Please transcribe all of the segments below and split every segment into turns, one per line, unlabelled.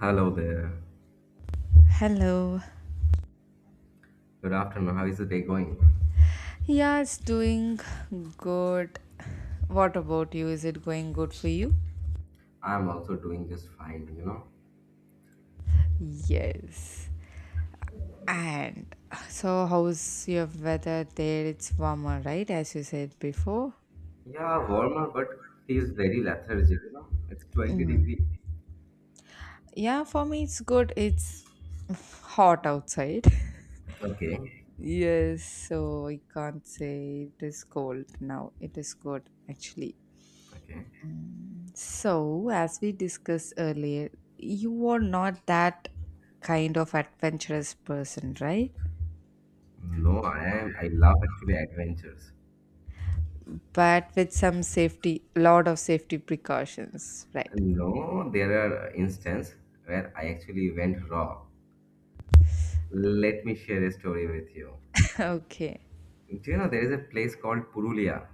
Hello there.
Hello.
Good afternoon. How is the day going?
Yeah, it's doing good. What about you? Is it going good for you?
I'm also doing just fine, you know.
Yes. And so, how's your weather there? It's warmer, right? As you said before.
Yeah, warmer, but feels very lethargic, you know. It's 20 degrees
Mm.
degree.
Yeah, for me, it's good. It's hot outside.
Okay.
Yes, so I can't say it is cold now. It is good, actually.
Okay.
So, as we discussed earlier, you are not that kind of adventurous person, right?
No, I love actually adventures.
But with some safety, lot of safety precautions, right?
No, there are instances where I actually went raw. Let me share a story with you.
Okay.
Do you know there is a place called Purulia?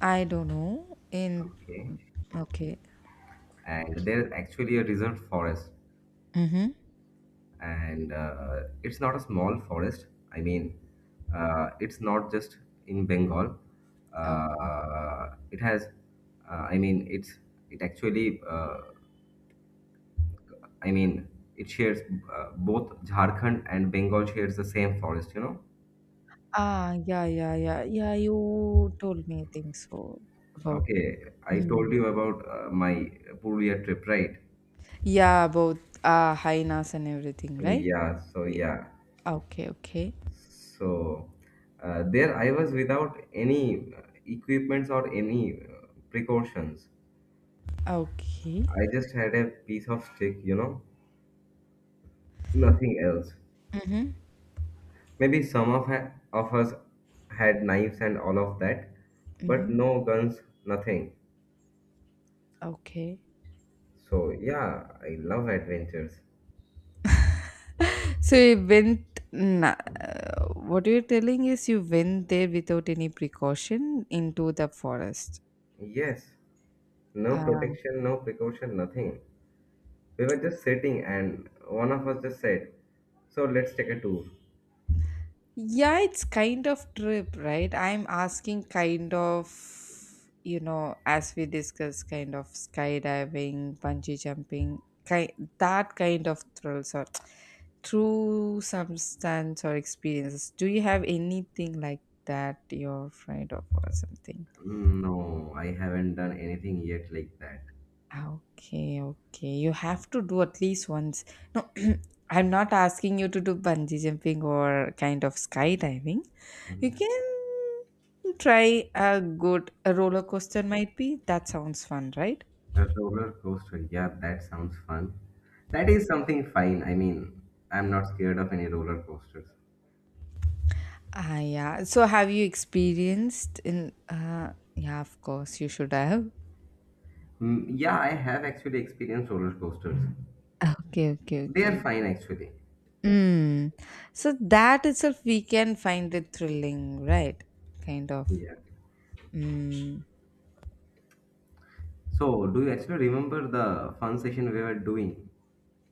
I don't know. In
Okay.
Okay.
And there is actually a reserved forest.
Mm-hmm.
And it's not a small forest. I mean, it's not just in Bengal.
Oh.
It has, uh, I mean, it's it actually, I mean, it shares both Jharkhand and Bengal shares the same forest. You know.
Ah, yeah, yeah, yeah, yeah. You told me, I think so about.
Okay, I told
Mm.
you about my Purulia trip, right?
Yeah, about hyenas and everything, right?
Yeah, so
Eh,
yeah.
okay, okay,
So there I was without any equipments or any precautions.
okay.
I just had a piece of stick, you know, nothing else.
Mm-hmm.
Maybe some of us had knives and all of that, but
Mm-hmm.
no guns, nothing.
Okay.
So, yeah, I love adventures.
So you went. Na- what you're telling is you went there without any precaution into the forest.
Yes, no
Uh,
protection, no precaution, nothing. We were just sitting, and one of us just said, so, let's take a tour.
yeah, it's kind of trip, right? I'm asking kind of, as we discussed, kind of skydiving, bungee jumping, kind that kind of thrills or through substance or experiences. Do you have anything like that you're afraid of or something?
No, I haven't done anything yet like that.
Ah, okay, okay. You have to do at least once. No, I'm not asking you to do bungee jumping or kind of skydiving. You can try a roller coaster might be. That sounds fun, right?
A roller coaster. Yeah, that sounds fun. That is something fine. I mean, I'm not scared of any roller coasters.
Ah, yeah. So have you experienced in yeah, of course you should have.
Mm, yeah, I have actually experienced roller coasters.
Okay, okay,
They are
okay.
fine actually.
Mm. So that itself we can find it thrilling, right? Kind of.
Yeah.
Mm.
So, do you actually remember the fun session we were doing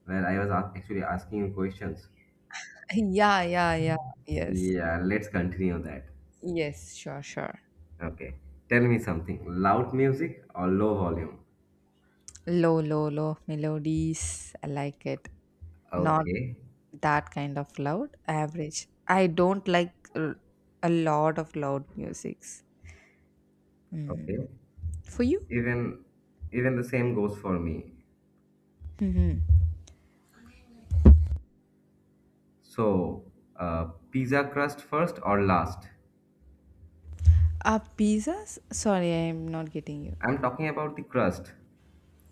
where I was actually asking you questions?
Yeah, yeah, yeah. Yes.
Yeah, let's continue that.
Yes, sure, sure.
Okay. Tell me something. Loud music or low volume?
Low, low, low melodies. I like it. Not
Okay.
that kind of loud. Average. I don't like r- A lot of loud musics. Mm.
Okay.
For you?
Even even the same goes for me.
Mm-hmm.
So, pizza crust first or last?
Pizzas? Sorry, I am not getting you.
I'm talking about the crust.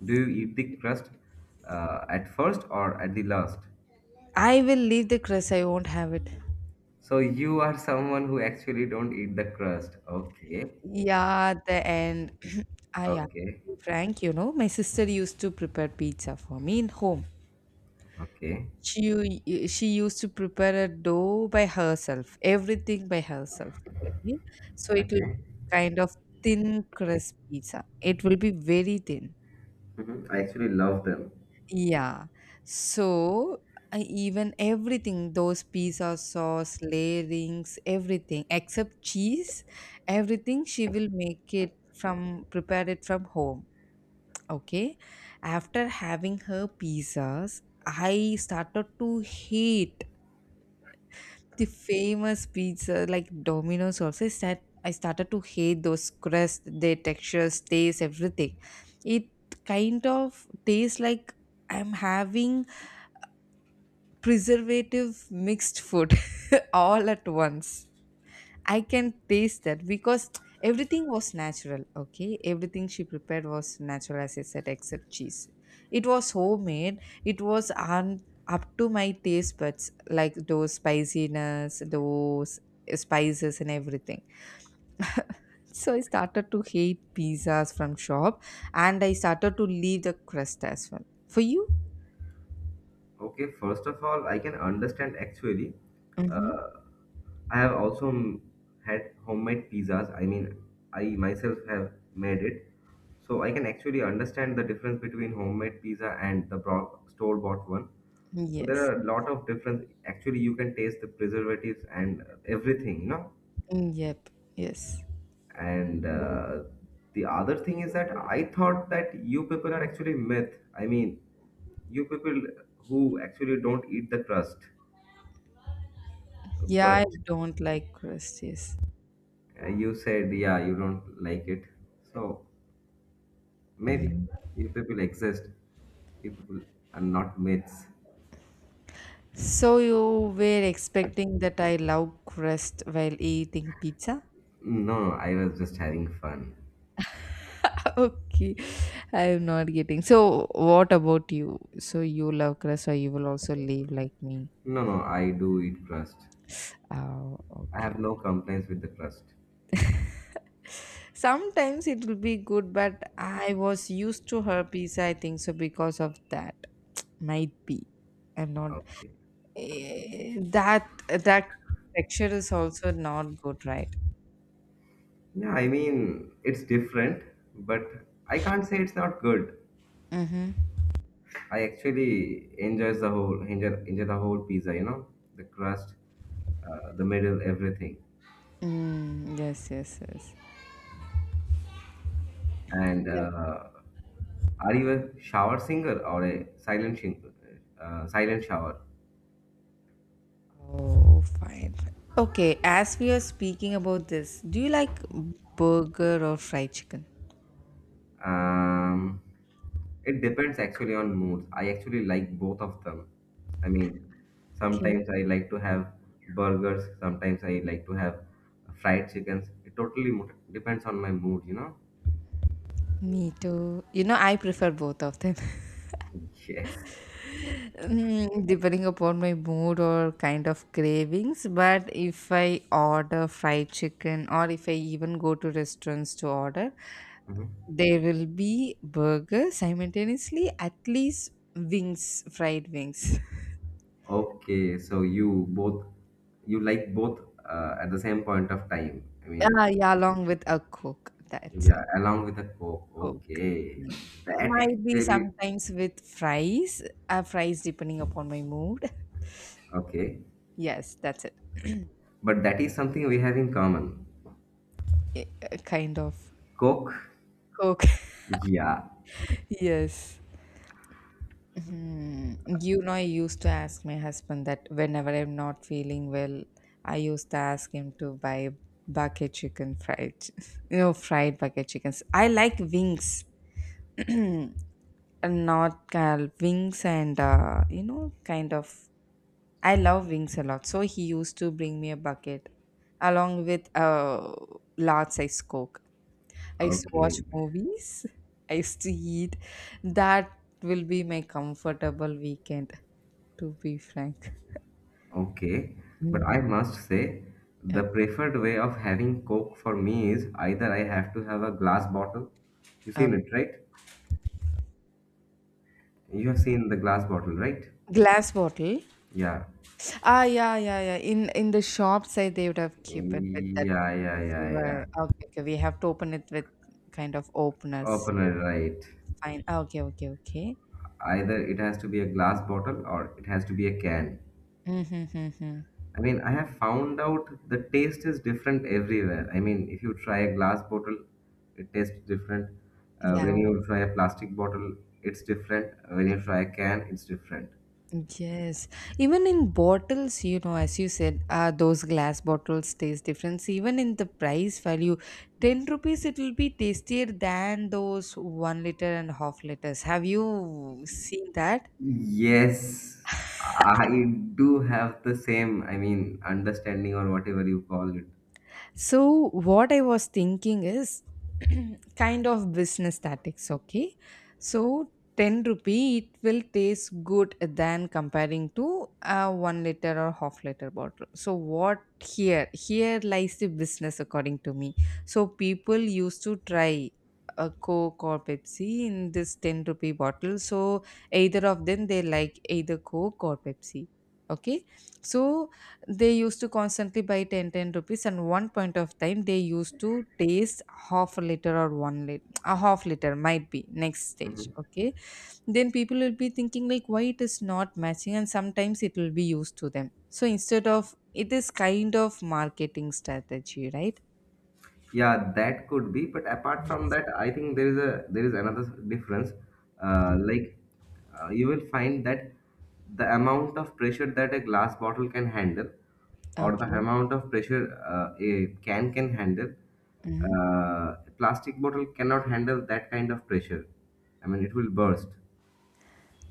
Do you eat the crust at first or at the last?
I will leave the crust. I won't have it.
So you are someone who actually don't eat the crust. Okay,
Yeah, at the end. I am
okay,
frank. My sister used to prepare pizza for me in home.
okay,
She used to prepare a dough by herself, everything by herself, okay? So it will be
okay.
kind of thin crust pizza. It will be very thin.
Mhm. I actually love them.
Yeah. So, I even everything, those pizza sauce, layerings, everything except cheese, everything she will make it from prepare it from home, okay? After having her pizzas, I started to hate the famous pizza like Domino's also is that I started to hate those crust, their textures, taste, everything. It kind of tastes like I'm having preservative mixed food all at once. I can taste that because everything was natural. Okay, everything she prepared was natural, as I said, except cheese. It was homemade. It was up to my taste buds, like those spiciness, those spices and everything. So I started to hate pizzas from shop, and I started to leave the crust as well. For you?
Okay, first of all, I can understand actually.
Mm-hmm.
Uh, I have also had homemade pizzas. I mean, I myself have made it. So I can actually understand the difference between homemade pizza and the store-bought one. So there
Yes.
are a lot of difference. Actually, you can taste the preservatives and everything, you know.
Mm, yep. Yes.
And the other thing is that I thought that you people are actually myth. I mean, you people who actually don't eat the crust,
Yeah,
but
I don't like crust. Yes.
you said, yeah, you don't like it. So. Maybe you people exist. You people are not myths.
So you were expecting that I love crust while eating pizza?
No, I was just having fun.
Okay, I am not getting. So what about you? So you love crust, or you will also live like me?
No, no, I do eat crust.
Oh,
I
okay.
have no complaints with the crust.
Sometimes it will be good, but I was used to her pizza. I think so because of that, might be. I'm not.
Okay.
Eh, that texture is also not good, right?
Yeah, I mean, it's different, but I can't say it's not good.
Mm-hmm.
I actually enjoys the whole enjoy the whole pizza, you know, the crust, the middle, everything.
Mm, yes, yes, yes.
And are you a shower singer or a silent shower?
Oh, fine. Fine. Okay, as we are speaking about this, do you like burger or fried chicken?
Um, it depends actually on moods. I actually like both of them. I mean,
Okay.
sometimes I like to have burgers, sometimes I like to have fried chickens. It totally depends on my mood, you know?
Me too. I prefer both of them.
Yes.
Mm, depending upon my mood or kind of cravings. But if I order fried chicken, or if I even go to restaurants to order,
Mhm.
there will be burger simultaneously, at least wings, fried wings.
Okay, so you like both at the same point of time. I mean,
Ah, yeah, along with a coke. That's a
yeah, along with the Coke.
coke.
Okay. That
Might be
actually
sometimes with fries depending upon my mood.
okay.
Yes, that's it.
But that is something we have in common.
A kind of
Coke.
Coke.
Yeah.
Yes. Hmm. I used to ask my husband that whenever I'm not feeling well, I used to ask him to buy bucket chicken fried, fried bucket chickens. I like wings, and not wings and kind of I love wings a lot. So he used to bring me a bucket along with a large size Coke. I used to watch
Okay,
movies. I used to eat. That will be my comfortable weekend, to be frank.
okay. But I
Mm.
must say, the
Okay.
preferred way of having Coke for me is either I have to have a glass bottle. You
Okay.
seen it, right? You have seen the glass bottle, right?
Glass bottle.
Yeah.
Ah, yeah, yeah, yeah. In the shop side, they would have kept it with that
Yeah, yeah, yeah, yeah.
silver. Okay, okay. We have to open it with kind of openers.
Opener, right.
Fine. Ah, okay, okay, okay.
Either it has to be a glass bottle or it has to be a can.
Mm-hmm, mm-hmm.
I mean, I have found out the taste is different everywhere. I mean, if you try a glass bottle, it tastes different. When
Yeah.
you try a plastic bottle, it's different. When you try a can, it's different.
Yes, even in bottles, as you said, those glass bottles taste different. So even in the price value, 10 rupees, it will be tastier than those 1 liter and half liters. Have you seen that?
Yes, I do have the same, I mean, understanding or whatever you call it.
So, what I was thinking is kind of business tactics, okay? So, 10 rupee, it will taste good than comparing to a 1 liter or half liter bottle. So, what here? Here lies the business, according to me. So, people used to try a Coke or Pepsi in this 10 rupee bottle. So, either of them, they like either Coke or Pepsi, okay? So, they used to constantly buy ten rupees, and one point of time they used to taste half a liter or 1 liter, a half liter might be next stage,
Mhm.
okay? Then people will be thinking like why it is not matching, and sometimes it will be used to them. So instead of it is kind of marketing strategy, right?
Yeah, that could be. But apart
Yeah.
from that, I think there is another difference. Uh, like you will find that the amount of pressure that a glass bottle can handle, or the
Okay.
amount of pressure a can handle,
Hmm.
plastic bottle cannot handle that kind of pressure. I mean, it will burst.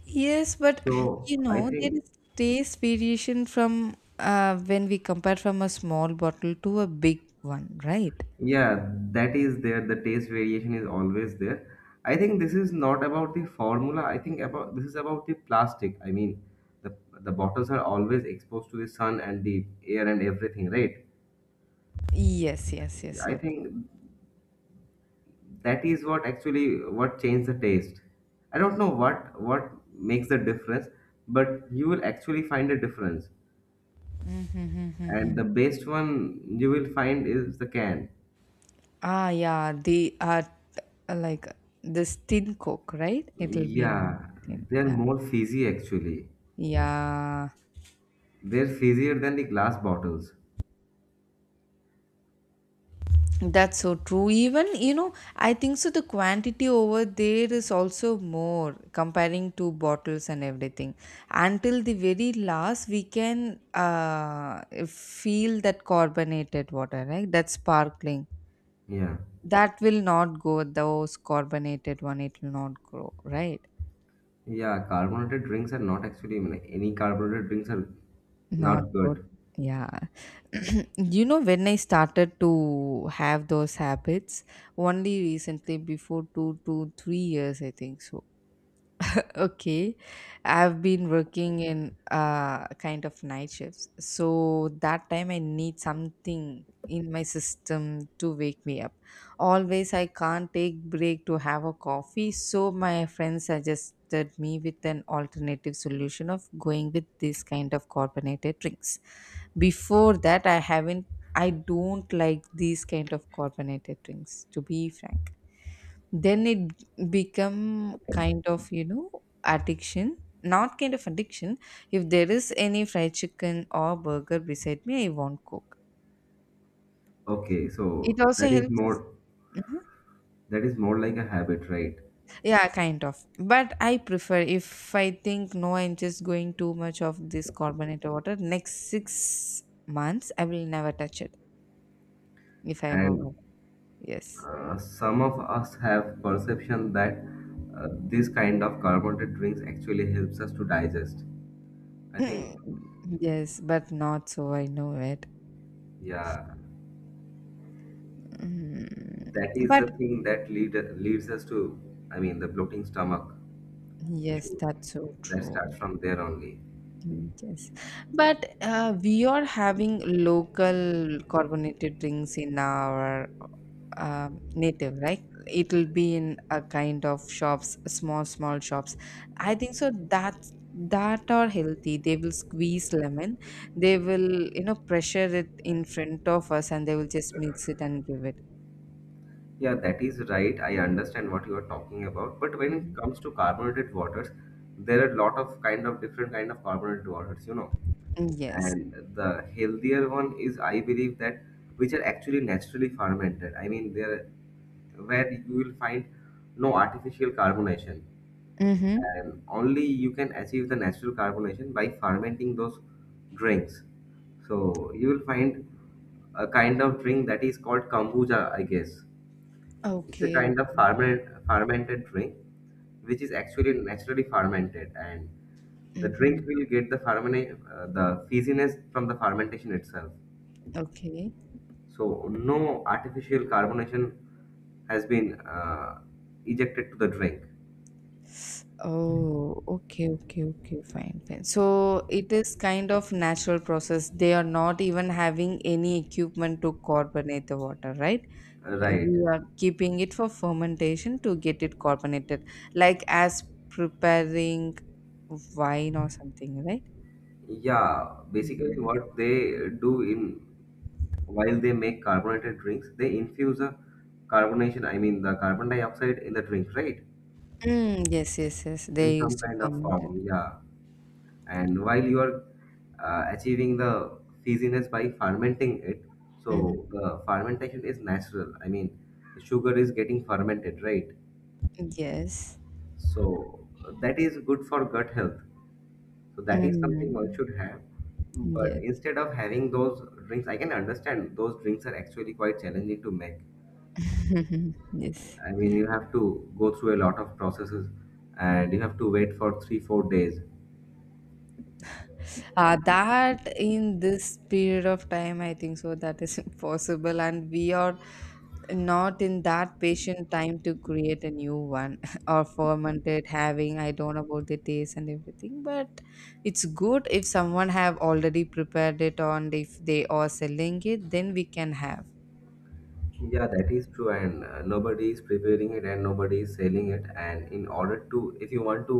Yes, but
So I
there
think
is taste variation from when we compare from a small bottle to a big one, right?
yeah, that is there. The taste variation is always there. I think this is not about the formula. I think about this is about the plastic. I mean, the bottles are always exposed to the sun and the air and everything, right?
Yes, yes, yes.
I think that is what actually what changed the taste. I don't know what makes the difference, but you will actually find a difference.
Mm-hmm. Mm-hmm,
And
mm-hmm.
the best one you will find is the can.
Ah, yeah, they are like this thin coke, right? It'll be in
Yeah,
thin.
they're
Yeah.
more fizzy actually.
Yeah,
They're fizzier than the glass bottles.
that's so true. Even, I think so the quantity over there is also more comparing to bottles and everything. Until the very last, we can feel that carbonated water, right? That sparkling.
Yeah.
That will not go, those carbonated one, it will not grow, right?
Yeah, carbonated drinks are not actually, I mean, like, any carbonated drinks are
Not
not
good.
good.
Yeah. When I started to have those habits, only recently before 2 to 3 years, I think so. Okay. I've been working in kind of night shifts. So that time I need something in my system to wake me up. Always I can't take break to have a coffee, so my friend suggested me with an alternative solution of going with this kind of carbonated drinks before that, I haven't. I don't like these kind of carbonated drinks. To be frank, then it become kind of addiction. Not kind of addiction. If there is any fried chicken or burger beside me, I won't cook.
Okay,
It
so
also helps us. Mhm.
that is more like a habit, right?
Yeah, kind of. But I prefer if I think no, I'm just going too much of this carbonated water. Next 6 months, I will never touch it if I have
And
a Yes.
some of us have perception that this kind of carbonated drinks actually helps us to digest. I think,
Yes, but not so I know it.
yeah,
Mm,
that is
but
the thing that leads us to, I mean, the bloating stomach
yes,
issue
that's so
that
true.
starts from there only.
Mm, yes, but we are having local carbonated drinks in our native, right? It'll be in a kind of shops, small small shops. I think so. That are healthy. They will squeeze lemon. They will pressure it in front of us, and they will just mix it and give it.
Yeah, that is right. I understand what you are talking about. But when it
Mhm.
comes to carbonated waters, there are a lot of kind of different kind of carbonated waters, you know.
Yes.
And the healthier one is, I believe that which are actually naturally fermented. I mean, there where you will find no artificial carbonation,
Mhm.
and only you can achieve the natural carbonation by fermenting those drinks. So you will find a kind of drink that is called kombucha, I guess. It's a
Okay, okay.
kind of fermented drink, which is actually naturally fermented, and the drink
Mhm.
will get the the fizziness from the fermentation itself.
Okay.
So no artificial carbonation has been ejected to the drink.
Oh, okay, okay, okay. Fine, fine. So it is kind of natural process. They are not even having any equipment to carbonate the water, right?
Right.
We are keeping it for fermentation to get it carbonated, like as preparing wine or something, right?
Yeah, basically
Mm.
what they do in while they make carbonated drinks, they infuse a carbonation, I mean the carbon dioxide in the drink, right?
Mm, yes, yes, yes.
In
They
some
used to
kind of
ferment it.
form, yeah. And while you are achieving the fizziness by fermenting it,
Hmm.
so the fermentation is natural. I mean, the sugar is getting fermented, right?
Yes.
So that is good for gut health. So that is something one
Mm.
should have, but
Yes.
instead of having those drinks, I can understand those drinks are actually quite challenging to make.
Yes.
I mean, you have to go through a lot of processes, and you have to wait for 3-4 days.
That in this period of time, I think so that is impossible, and we are not in that patient time to create a new one or ferment it. Having I don't know about the taste and everything, but it's good if someone have already prepared it, and if they are selling it, then we can have.
Yeah, that is true, and nobody is preparing it and nobody is selling it. And in order to, if you want to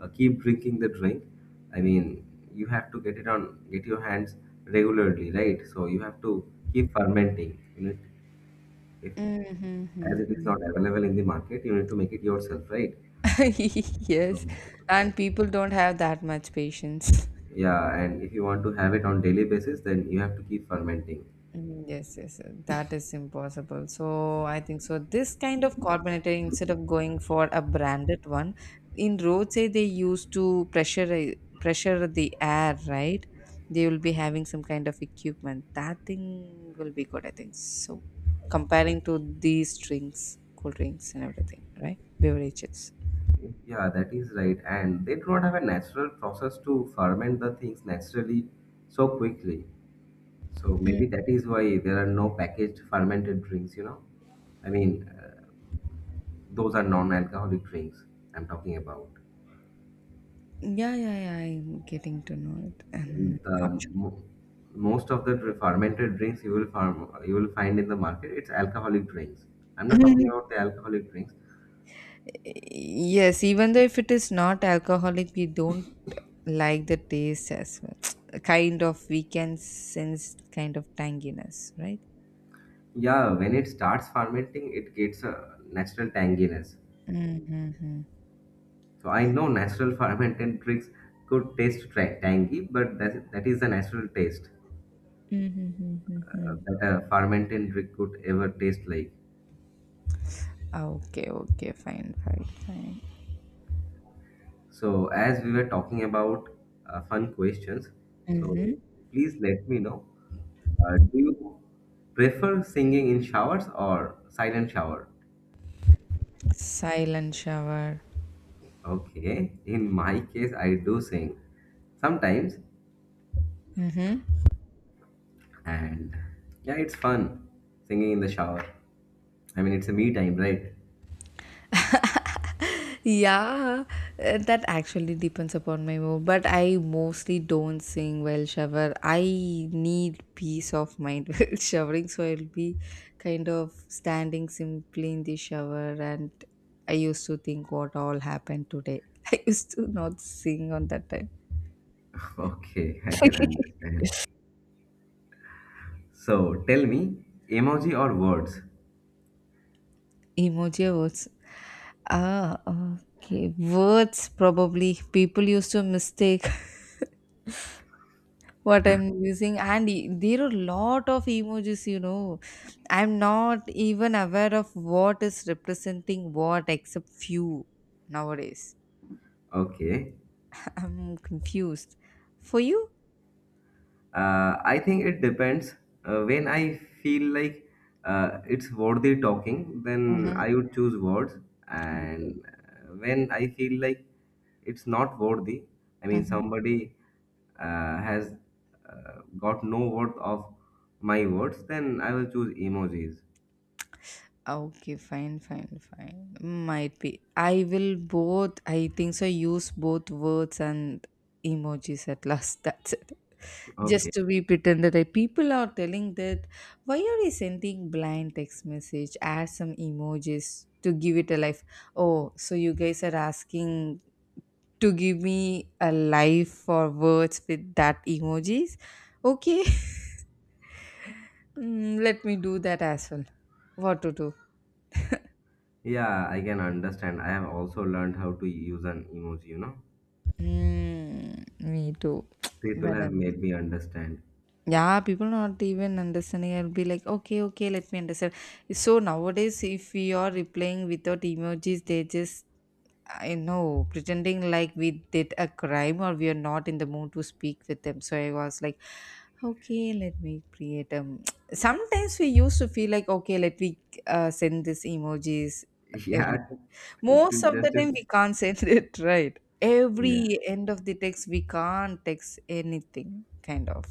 keep drinking the drink, I mean, you have to get your hands regularly, right? So you have to keep fermenting. You need, if as it is
Mm-hmm.
not available in the market, you need to make it yourself, right? So
Yes, and people don't have that much patience.
yeah, and if you want to have it on daily basis, then you have to keep fermenting.
Mm, yes, yes, yes. That is impossible. So I think so. This kind of carbonator, instead of going for a branded one, in roadside they used to pressure the air, right? They will be having some kind of equipment. That thing will be good, I think. So comparing to these drinks, cool drinks and everything, right? Beverages.
Yeah, that is right. And they do not have a natural process to ferment the things naturally so quickly. So
Mm.
maybe that is why there are no packaged fermented drinks, you know? I mean, those are non-alcoholic drinks I'm talking about.
Yeah, yeah, yeah. I'm getting to know it. Not
The mo- most of the fermented drinks you will you will find in the market, it's alcoholic drinks. I'm
sure.
not talking about the alcoholic drinks.
Yes, even though if it is not alcoholic, we don't like the taste as well. Kind of, we can sense kind of tanginess, right?
Yeah, when it starts fermenting, it gets a natural tanginess.
Mm-hmm.
So I know natural fermented drinks could taste tangy, but that is the natural taste
Mm-hmm.
that a fermented drink could ever taste like.
Okay, okay, fine, fine, fine.
So as we were talking about fun questions, so
Mm-hmm.
please let me know. Do you prefer singing in showers or silent shower?
Silent shower.
Okay, in my case, I do sing sometimes, and yeah, it's fun singing in the shower. I mean, it's a me time, right?
Yeah, that actually depends upon my mood, but I mostly don't sing while shower. I need peace of mind while showering, so I'll be kind of standing simply in the shower, and I used to think what all happened today. I used to not sing on that time.
Okay, I can understand. So tell me, emoji or words?
Emoji words. Ah, okay. Words probably people used to mistake what I'm using, and there are lot of emojis, you know. I'm not even aware of what is representing what except few nowadays.
Okay.
I'm confused. For you?
I think it depends. When I feel like it's worthy talking, then
Mm-hmm.
I would choose words.
Okay.
And when I feel like it's not worthy, I mean,
Mm-hmm.
somebody has got no worth of my words, then I will choose emojis.
Okay, fine, fine, fine. Might be. I will both, I think so, use both words and emojis at last. That's
Okay.
just to be pretended that people are telling that why are you sending blind text message, add some emojis to give it a life. Oh, so you guys are asking to give me a life or words with that emojis. Okay. Mm, let me do that as well. What to do.
Yeah, I can understand. I have also learned how to use an emoji, you know.
Mm, me too.
People
but
have
um
made me understand.
yeah, people not even understanding. I'll be like, okay, okay, let me understand. So nowadays, if we are replying without emojis, they just, I know, pretending like we did a crime or we are not in the mood to speak with them. So I was like, okay, let me create. Sometimes we used to feel like, okay, let me send this emojis,
Yeah,
everything.
to
Most of
just
the time
if
we can't send it right.
yeah,
Every end of the text we can't text anything, kind of.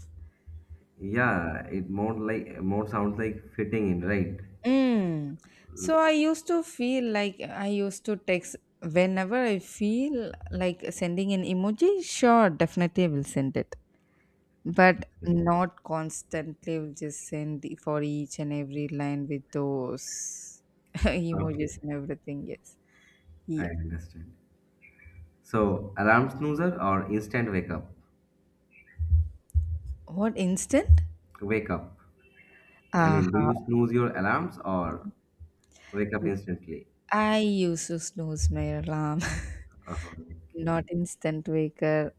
yeah, it more sounds like fitting in, right?
Mm. So I used to feel like I used to text whenever I feel like sending an emoji. Sure, definitely I will send it, but
Okay,
not constantly. Will just send for each and every line with those
okay,
emojis and everything. Yes. Yeah.
I understand. So alarm snoozer or instant wake up?
What instant?
Wake up. I mean, do
Aha.
you snooze your alarms or wake up instantly?
I used to snooze my alarm.
Okay,
Not instant waker.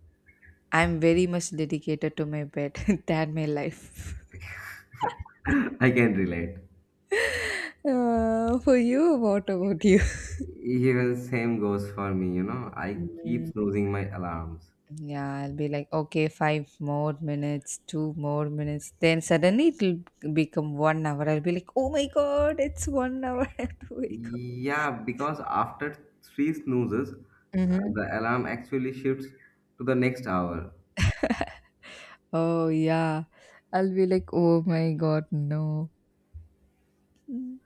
I'm very much dedicated to my bed. That my life.
I can relate.
For you, what about you?
Even same goes for me. You know, I keep
Mm,
snoozing my alarms.
yeah, I'll be like, okay, 5 more minutes, 2 more minutes. Then suddenly it'll become 1 hour. I'll be like, oh my god, it's 1 hour. I have to wake up.
Yeah, because after three snoozes,
Mm-hmm.
the alarm actually shifts to the next hour.
Oh, yeah. I'll be like, oh my god, no. Mm.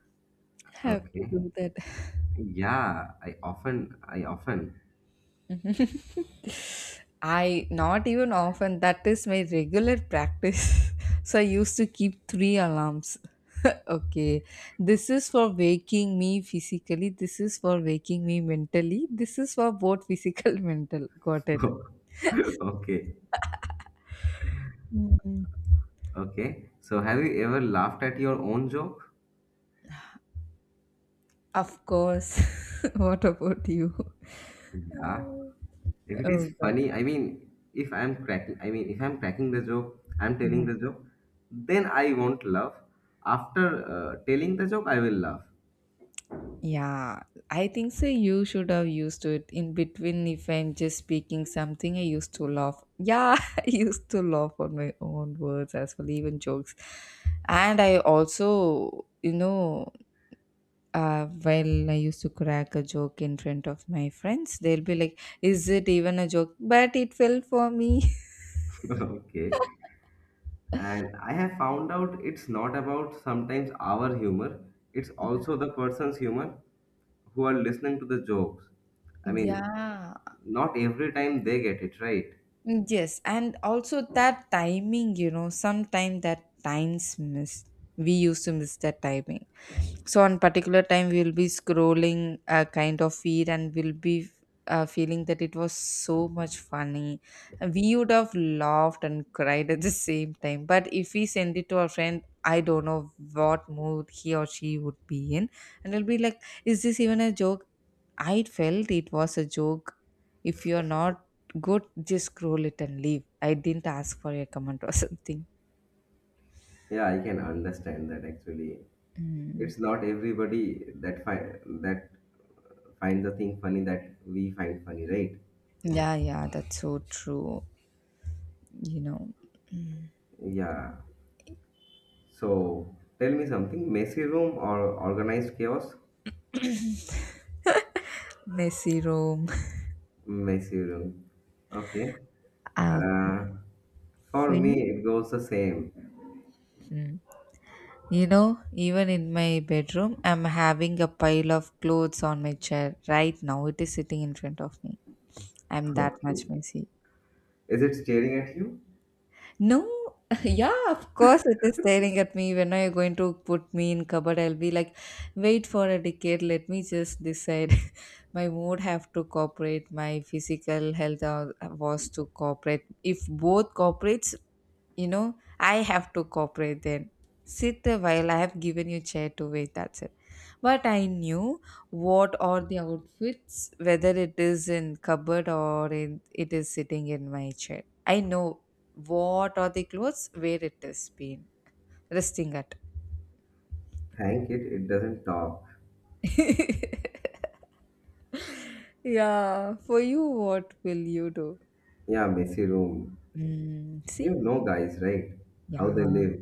Have to
Okay.
do that.
Yeah, I often.
Mhm. I not even often. That is my regular practice. So I used to keep 3 alarms. Okay, this is for waking me physically, this is for waking me mentally, this is for both physical mental. Got it.
Okay,
Mm.
okay. So have you ever laughed at your own joke?
Of course. What about you?
Yeah.
Uh,
If it
Oh
is
God.
funny, I mean, if I'm cracking, I mean, if I'm cracking the joke, I'm telling
Mhm.
the joke, then I won't laugh. After telling the joke, I will laugh.
Yeah, I think so. You should have used to it in between. If I'm just speaking something, I used to laugh. Yeah, I used to laugh on my own words as well, even jokes. And I also, you know, while I used to crack a joke in front of my friends, they'll be like, is it even a joke? But it fell for me.
Okay. And I have found out it's not about sometimes our humor, it's also the person's humor who are listening to the jokes. I mean,
Yeah,
not every time they get it right.
yes, and also that timing, you know, sometime that times missed. We used to miss that timing. So on particular time we will be scrolling a kind of feed, and we'll be feeling that it was so much funny. We would have laughed and cried at the same time, but if we send it to our friend, I don't know what mood he or she would be in, and it'll be like, is this even a joke? I felt it was a joke. If you're not good, just scroll it and leave. I didn't ask for a comment or something.
Yeah, I can understand that actually.
Mm.
It's not everybody that find the thing funny that we find funny, right?
Yeah, yeah, that's so true, you know. Mm.
Yeah. So tell me something. Messy room or organized chaos?
Messy room.
Messy room. Okay.
Ah,
Uh, For
for
me,
you?
it goes the same.
Hmm. You know, even in my bedroom, I'm having a pile of clothes on my chair right now. It is sitting in front of me. I'm that
Okay.
much messy.
Is it staring at you?
No, yeah, of course it is staring at me. When are you going to put me in cupboard? I'll be like, wait for a decade. Let me just decide. My mood have to cooperate. My physical health was to cooperate. If both cooperates, you know, I have to cooperate, then sit a while. I have given you chair to wait, that's it. But I knew what are the outfits, whether it is in cupboard or in, it is sitting in my chair. I know what are the clothes, where it is been resting at.
Thank it, it doesn't talk.
Yeah, for you, what will you do?
Yeah, messy room.
Mm,
You
see.
know guys, right? How
Yeah.
they live.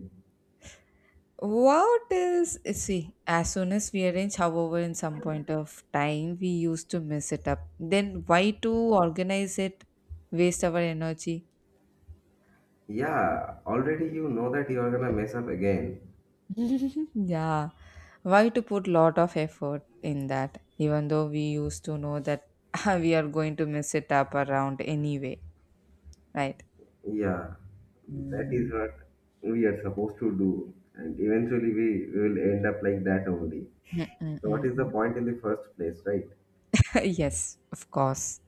What is, see, as soon as we arrange, however, in some point of time, we used to mess it up. Then why to organize it, waste our energy?
Yeah, already you know that you're gonna mess up again.
Yeah. Why to put lot of effort in that, even though we used to know that we are going to mess it up around anyway, right?
Yeah, that
Mm.
is what we are supposed to do. And eventually we will end up like that only.
Mm, mm,
So what
mm,
is the
mm.
point in the first place, right?
Yes, of course.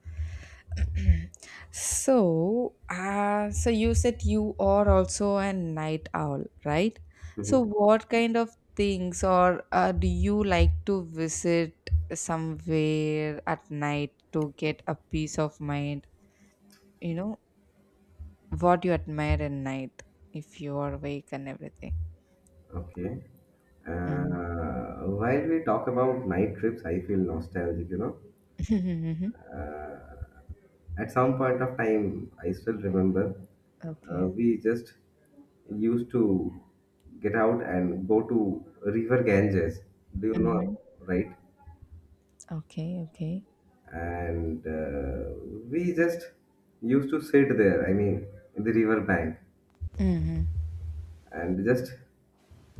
So you said you are also a night owl, right? So,
Mhm.
what kind of things or do you like to visit somewhere at night to get a peace of mind? You know, what you admire at night if you are awake and everything.
Okay.
Mhm.
While we talk about night trips, I feel nostalgic, you know. Uh, At some point of time, I still remember,
Okay.
we just used to get out and go to River Ganges. Do you
Hmm.
know, right?
Okay. Okay.
And we just used to sit there, I mean, in the river bank
Hmm.
and just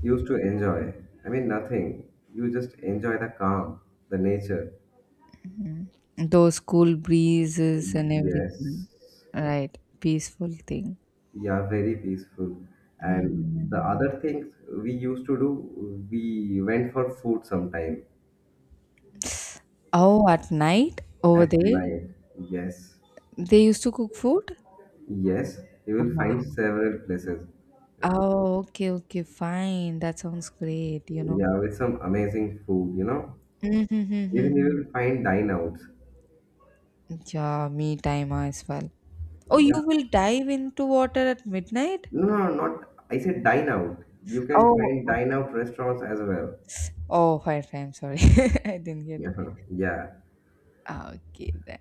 used to enjoy. I mean, nothing. You just enjoy the calm, the nature.
Hmm. Those cool breezes and everything.
Yes.
Right. Peaceful thing.
Yeah, very peaceful.
Mhm,
And
mhm,
the
mhm.
other things we used to do, we went for food sometime
Oh, at night over
at
there,
night. Yes,
they used to cook food?
yes, you will find
Wow.
several places.
Oh, okay, okay, fine. That sounds great, you know.
Yeah, with some amazing food, you know. Even you
Mm-hmm.
will find dine outs.
Yeah, me time as well. Oh, you
Yeah,
will dive into water at midnight?
no, no, no, not. I said dine out. You can
Oh,
find
okay.
dine out restaurants as well.
Oh, fire time. Sorry, I didn't get it.
Yeah, yeah,
Ah, okay, then.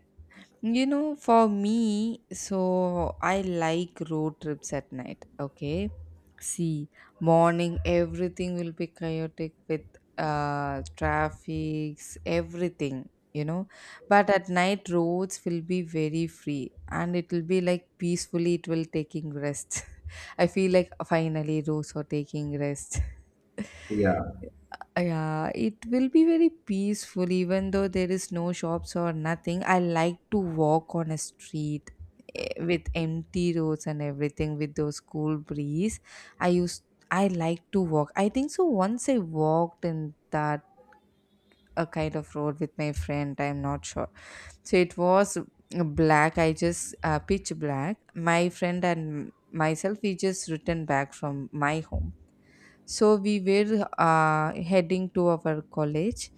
You know, for me, so I like road trips at night. Okay. See, morning everything will be chaotic with traffics, everything, you know. But at night roads will be very free, and it will be like peacefully it will taking rest. I feel like finally roads are taking rest.
yeah.
Yeah, it will be very peaceful even though there is no shops or nothing. I like to walk on a street with empty roads and everything with those cool breeze. I used I like to walk. I think so once I walked in that a kind of road with my friend, I'm not sure. So it was black. I just pitch black. My friend and myself, we just returned back from my home. So we were heading to our college,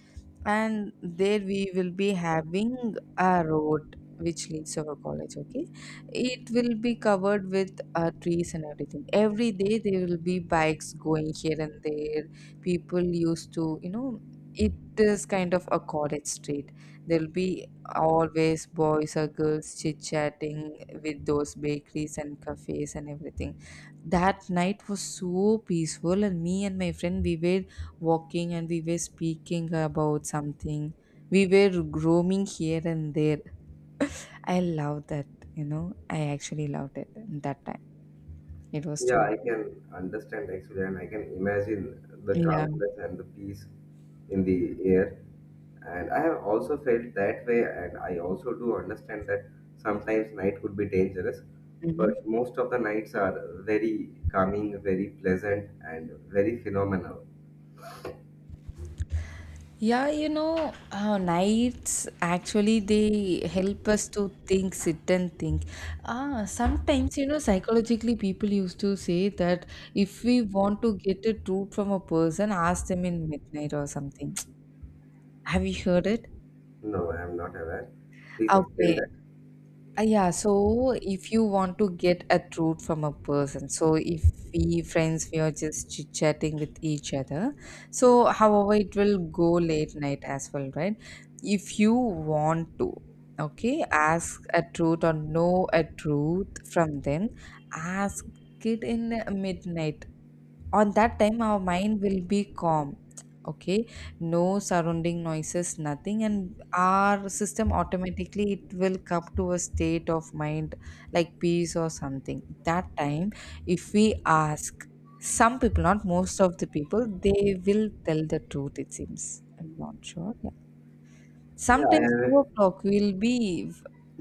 and there we will be having a road which leads to our college. Okay, it will be covered with trees and everything. Every day there will be bikes going here and there. People used to, you know, it is kind of a college street. There will be always boys or girls chit chatting with those bakeries and cafes and everything. That night was so peaceful, and me and my friend, we were walking and we were speaking about something. We were roaming here and there. I love that, you know. I actually loved it that time. It was
Yeah,
too
I
good.
can understand actually, and I can imagine the
Yeah.
calmness and the peace in the air. And I have also felt that way, and I also do understand that sometimes night could be dangerous,
Mhm.
but most of the nights are very calming, very pleasant, and very phenomenal.
Yeah, you know, nights actually they help us to think, sit and think. Ah, sometimes, you know, psychologically people used to say that if we want to get a truth from a person, ask them in midnight or something. Have you heard it?
No, I am not aware. Please explain
Okay.
that.
Yeah, so if you want to get a truth from a person, so if we friends, we are just chit chatting with each other. So, however, it will go late night as well, right? If you want to, okay, ask a truth or know a truth from them, ask it in midnight. On that time our mind will be calm, okay, no surrounding noises, nothing, and our system automatically it will come to a state of mind like peace or something. That time, if we ask, some people, not most of the people, they will tell the truth, it seems. I'm not sure, yeah.
Yeah, I
Sometimes two
have
o'clock we'll be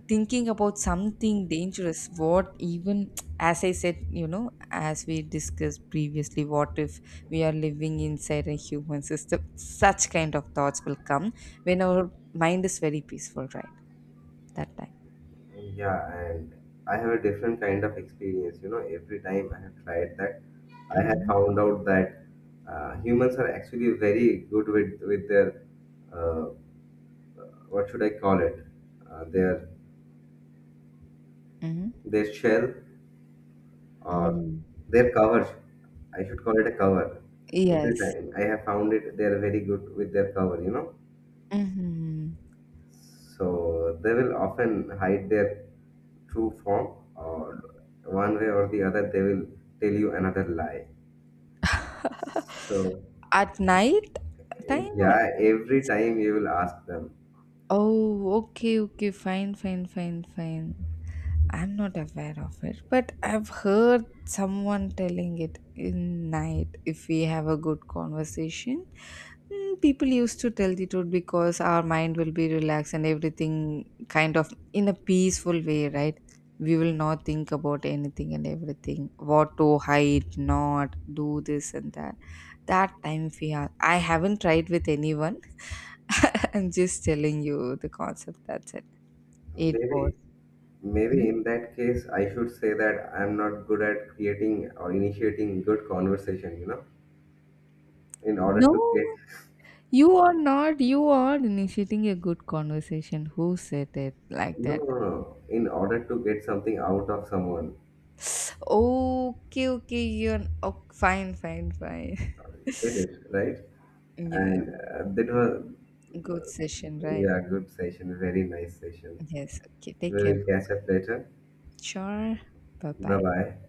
thinking about something dangerous. What even, as I said, you know, as we discussed previously, what if we are living inside a human system? Such kind of thoughts will come when our mind is very peaceful, right? That time.
Yeah, and I have a different kind of experience. You know, every time I have tried that, I have
Hmm.
found out that humans are actually very good with their uh, what should I call it? Their
Hmm.
their shell or
Hmm.
their cover. I should call it a cover. Every
Yes.
time I have found it, they are very good with their cover. You know,
Hmm.
so they will often hide their true form, or one way or the other, they will tell you another lie. So
At night time or.
yeah, every time you will ask them.
Oh, okay, okay, fine, fine, fine, fine. I'm not aware of it, but I've heard someone telling it in night. If we have a good conversation, mm, people used to tell the truth because our mind will be relaxed and everything kind of in a peaceful way, right? We will not think about anything and everything. What to hide, not do this and that. That time we are. I haven't tried with anyone. I'm just telling you the concept. That's it. It was.
Maybe maybe in that case I should say that I'm not good at creating or initiating good conversation, you know, in order to
No,
get
you are not. You are initiating a good conversation. Who said it like
no
that?
no no in order to get something out of someone.
Okay, okay. You're, oh, fine, fine, fine.
Get it, right?
Yeah,
And that was
good session, right?
yeah, good session, very nice session.
Yes. Okay, take
We
care.
will catch
Bye-bye.
up later.
Sure. Bye
Bye
bye.
bye.